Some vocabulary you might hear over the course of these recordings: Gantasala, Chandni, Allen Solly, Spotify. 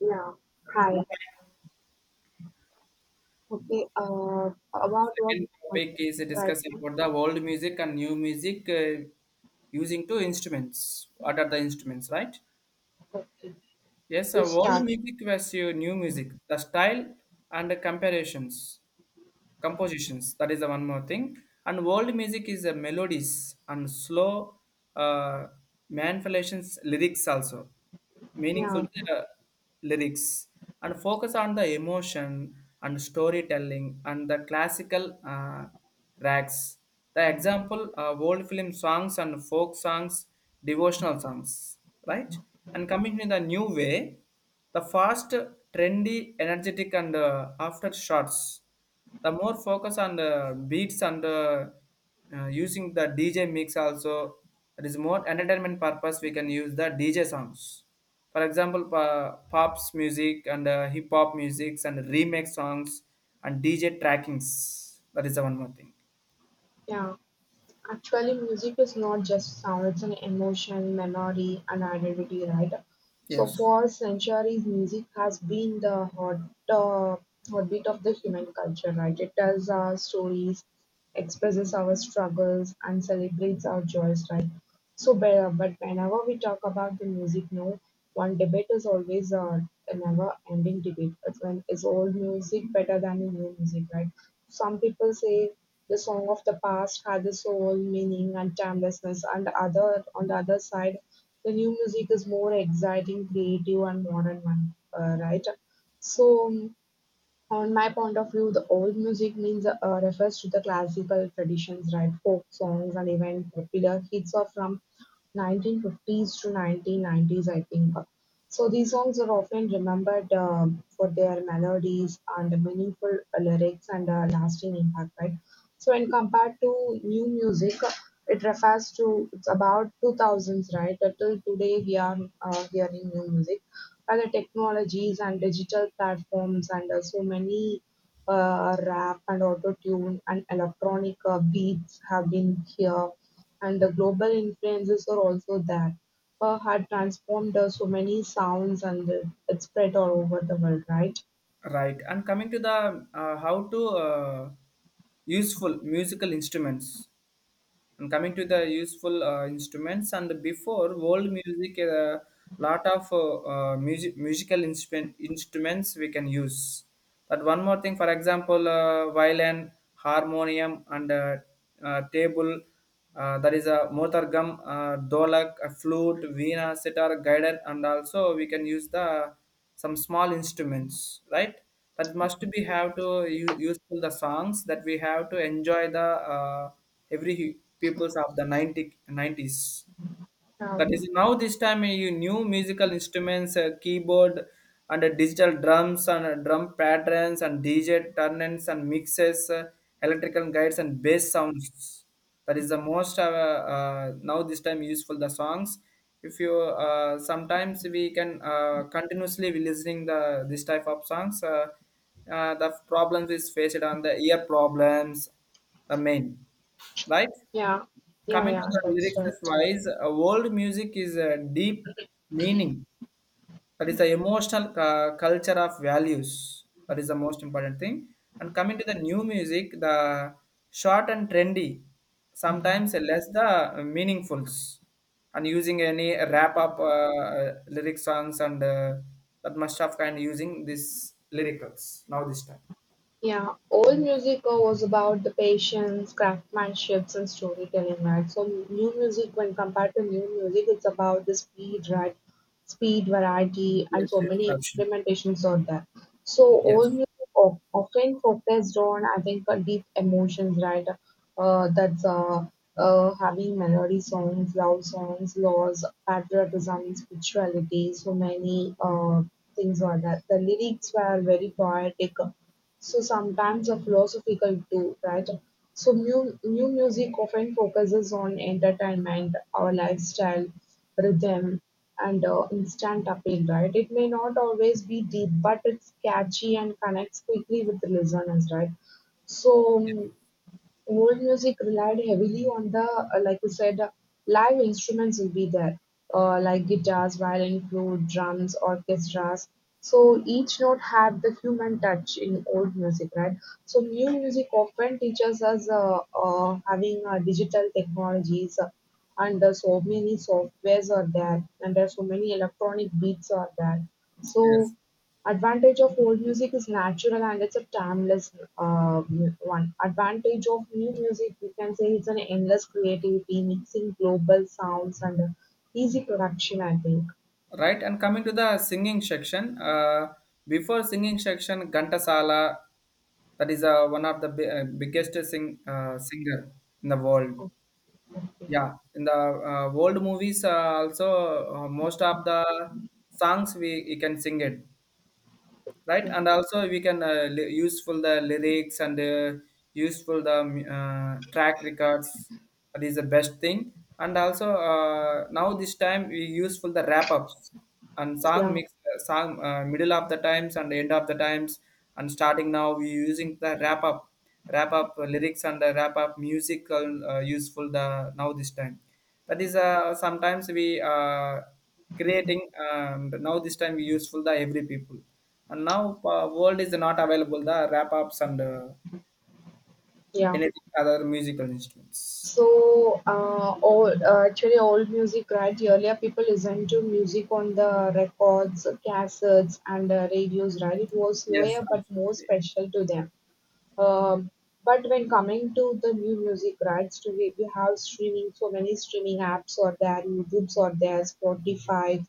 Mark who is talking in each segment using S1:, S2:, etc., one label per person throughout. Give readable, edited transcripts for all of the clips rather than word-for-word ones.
S1: Yeah. Hi. Okay. About
S2: Second
S1: what,
S2: topic is
S1: right?
S2: discussing about the world music and new music, using two instruments. What are the instruments, right? Yes,
S1: We
S2: world
S1: start.
S2: music versus new music, the style and the comparisons compositions, that is the one more thing. And world music is a melodies and slow, uh, manipulations lyrics, also meaningful
S1: Yeah.
S2: uh, lyrics, and focus on the emotion and storytelling and the classical racks. The example, world film songs and folk songs, devotional songs, right? And coming in the new way, the fast, trendy, energetic, and after shots, the more focus on the beats and the using the DJ mix also. It is more entertainment purpose, we can use the DJ songs. For example, pops music and hip hop musics and remix songs and DJ trackings, that is the one more thing.
S1: Yeah. Actually, music is not just sound, it's an emotion, memory, and identity, right? So,
S2: Yes,
S1: for centuries, music has been the uh, heartbeat of the human culture, right? It tells our stories, expresses our struggles, and celebrates our joys, right? So, but whenever we talk about the music, no, one debate is always a never ending debate. It's when is old music better than new music, right? Some people say the song of the past had the soul, meaning, and timelessness. And other, on the other side, the new music is more exciting, creative, and modern one, right? So, on my point of view, the old music means refers to the classical traditions, right? Folk songs and even popular hits are from 1950s to 1990s, I think. So these songs are often remembered for their melodies and meaningful lyrics and lasting impact, right? So when compared to new music, it refers to it's about 2000s, right? Till today we are hearing new music, other technologies and digital platforms and so many rap and auto tune and electronic beats have been here, and the global influences are also there, had transformed so many sounds and it spread all over the world, right.
S2: right. And coming to the how to useful musical instruments. And coming to the useful instruments, and before world music, a lot of instruments we can use. But one more thing, for example, violin, harmonium, and table. There is a motargam, dolak, a flute, veena, sitar, guitar, and also we can use the some small instruments, right? That must be have to useful the songs that we have to enjoy the uh, every peoples of the 90s.
S1: yeah
S2: That is now this time eh, you new musical instruments, keyboard and digital drums and drum patterns and DJ turn and mixes, electrical guides and bass sounds. That is the most now this time useful the songs. If you sometimes we can continuously be listening the this type of songs. The problems is faced on the ear problems, the main, right?
S1: yeah yeah
S2: Coming to
S1: yeah
S2: the
S1: that's
S2: lyrics
S1: right.
S2: wise, world music is a deep meaning. That is the emotional culture of values. That is the most important thing. And coming to the new music, the short and trendy, sometimes less the meaningfuls. And using any wrap up lyric songs and that must have kind of using this lyricals now this time.
S1: Yeah, old music was about the patience, craftsmanship, and storytelling, right? So new music, when compared to new music, it's about the speed, right? Speed, variety, and
S2: Yes,
S1: so
S2: yes,
S1: many
S2: absolutely.
S1: experimentations out there. So
S2: Yes,
S1: old often focused on, I think, deep emotions, right? That's Having melody songs, love songs, laws, patriotism, spirituality, so many things are that. The lyrics were very poetic, so sometimes a philosophical too, right? So new music often focuses on entertainment, our lifestyle, rhythm, and instant appeal, right? It may not always be deep, but it's catchy and connects quickly with the listeners, right? So, old music relied heavily on the, like you said, live instruments will be there, like guitars, violin, flute, drums, orchestras. So each note had the human touch in old music, right? So new music often teaches us having digital technologies, and so many softwares are there, and there are so many electronic beats are there. So
S2: yes.
S1: advantage of old music is natural and it's a timeless one. Advantage of new music, we can say it's an endless creativity, mixing global sounds and easy production, I think.
S2: Right, and coming to the singing section, before singing section, Gantasala, that is one of the biggest singer in the world. Yeah, in the world movies, also most of the songs we you can sing it, right. And also we can useful the lyrics and useful the track records, that is the best thing. And also now this time we useful the wrap ups and song
S1: Yeah,
S2: mix song middle of the times and end of the times. And starting now we using the wrap up lyrics and the wrap up musical useful the now this time. That is sometimes we creating, and now this time we useful the every people. And now world is not available the rap ups and
S1: yeah.
S2: anything other musical instruments.
S1: So, old, actually, old music, right? Earlier, people listened to music on the records, cassettes, and radios, right? It was
S2: Yes,
S1: slower but more
S2: absolutely.
S1: special to them. Um, but when coming to the new music rights today, we have streaming, so many streaming apps are there, YouTube's are there, Spotify,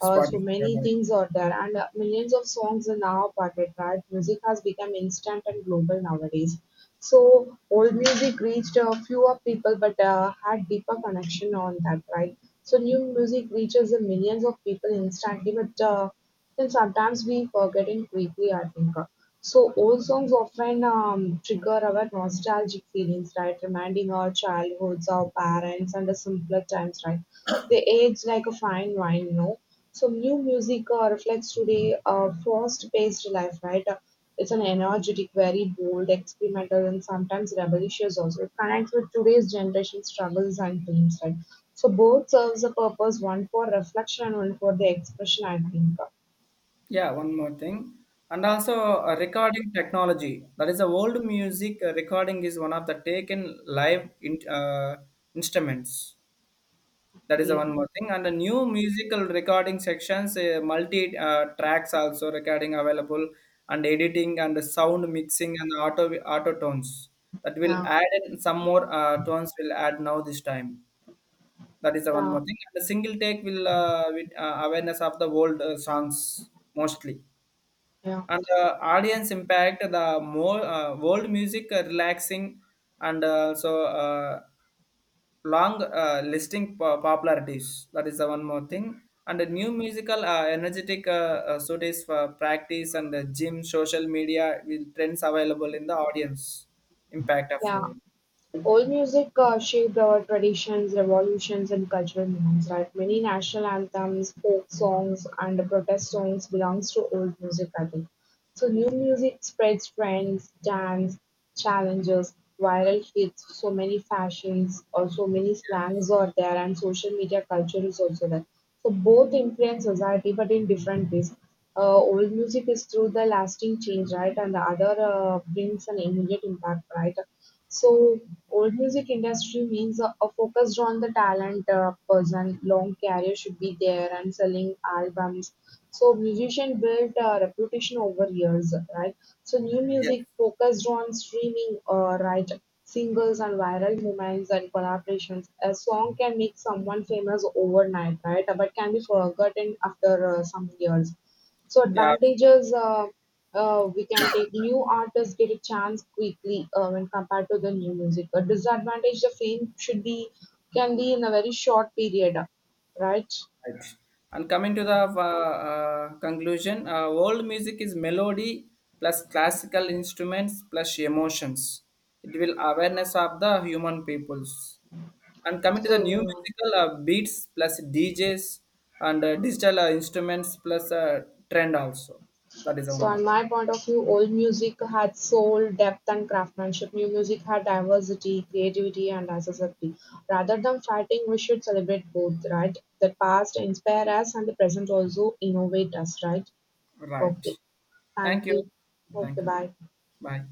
S1: so
S2: Spotify
S1: many
S2: like-
S1: things are there, and millions of songs are now parted, right? Music has become instant and global nowadays. So old music reached a fewer people, but had deeper connection on that, right? So new music reaches the millions of people instantly, but then sometimes we forget it quickly, I think. So old songs often trigger our nostalgic feelings, right? Reminding our childhoods, our parents, and the simpler times, right? They age like a fine wine, you know. So new music reflects today fast-paced life, right? It's an energetic, very bold, experimental, and sometimes rebellious also. It connects with today's generation struggles and dreams, right? So both serves a purpose, one for reflection and one for the expression, I think.
S2: yeah, one more thing. And also recording technology, that is the old music recording is one of the taken live in, instruments. That is the
S1: Okay.
S2: one more thing. And the new musical recording sections, multi tracks also recording available, and editing and the sound mixing and auto tones. That will
S1: Yeah,
S2: add in some more tones. Will add now this time. That is the one
S1: yeah,
S2: more thing. And the single take will with awareness of the old songs mostly.
S1: yeah,
S2: And the audience impact the more world music relaxing and also. Long popularities, that is the one more thing. And the new musical energetic suits for practice and the gym social media will trends available in the audience impact of
S1: yeah.
S2: you.
S1: Old Allmusic shaped our traditions, revolutions and cultural norms, right? Many national anthems, folk songs and protest songs belongs to old music, I think. So new music spreads trends, dance, challenges, viral hits, so many fashions or so many slangs are there and social media culture is also there. So both influence society but in different ways. Old music is through the lasting change, right? And the other brings an immediate impact, right? So old music industry means a focused on the talent person, long career should be there and selling albums. So musician built a reputation over years, right? So new
S2: Yes,
S1: music focused on streaming, right? Singles and viral moments and collaborations. A song can make someone famous overnight, right? But can be forgotten after some years. So
S2: yeah, sure,
S1: advantages we can take new artists get a chance quickly when compared to the new music. A disadvantage the fame should be can be in a very short period, right?
S2: right. And coming to the conclusion, world music is melody plus classical instruments plus emotions. It will awareness of the human peoples. And coming to the new
S1: So
S2: musical beats plus DJs and digital instruments plus trend also. That is one
S1: so on
S2: market.
S1: my point of view, old music had soul, depth, and craftsmanship. New music had diversity, creativity, and accessibility. Rather than fighting, we should celebrate both, right? The past inspire us, and the present also innovate us, right? Okay,
S2: Right.
S1: thank
S2: Thank you.
S1: you. Okay,
S2: Thank you.
S1: bye.
S2: Bye.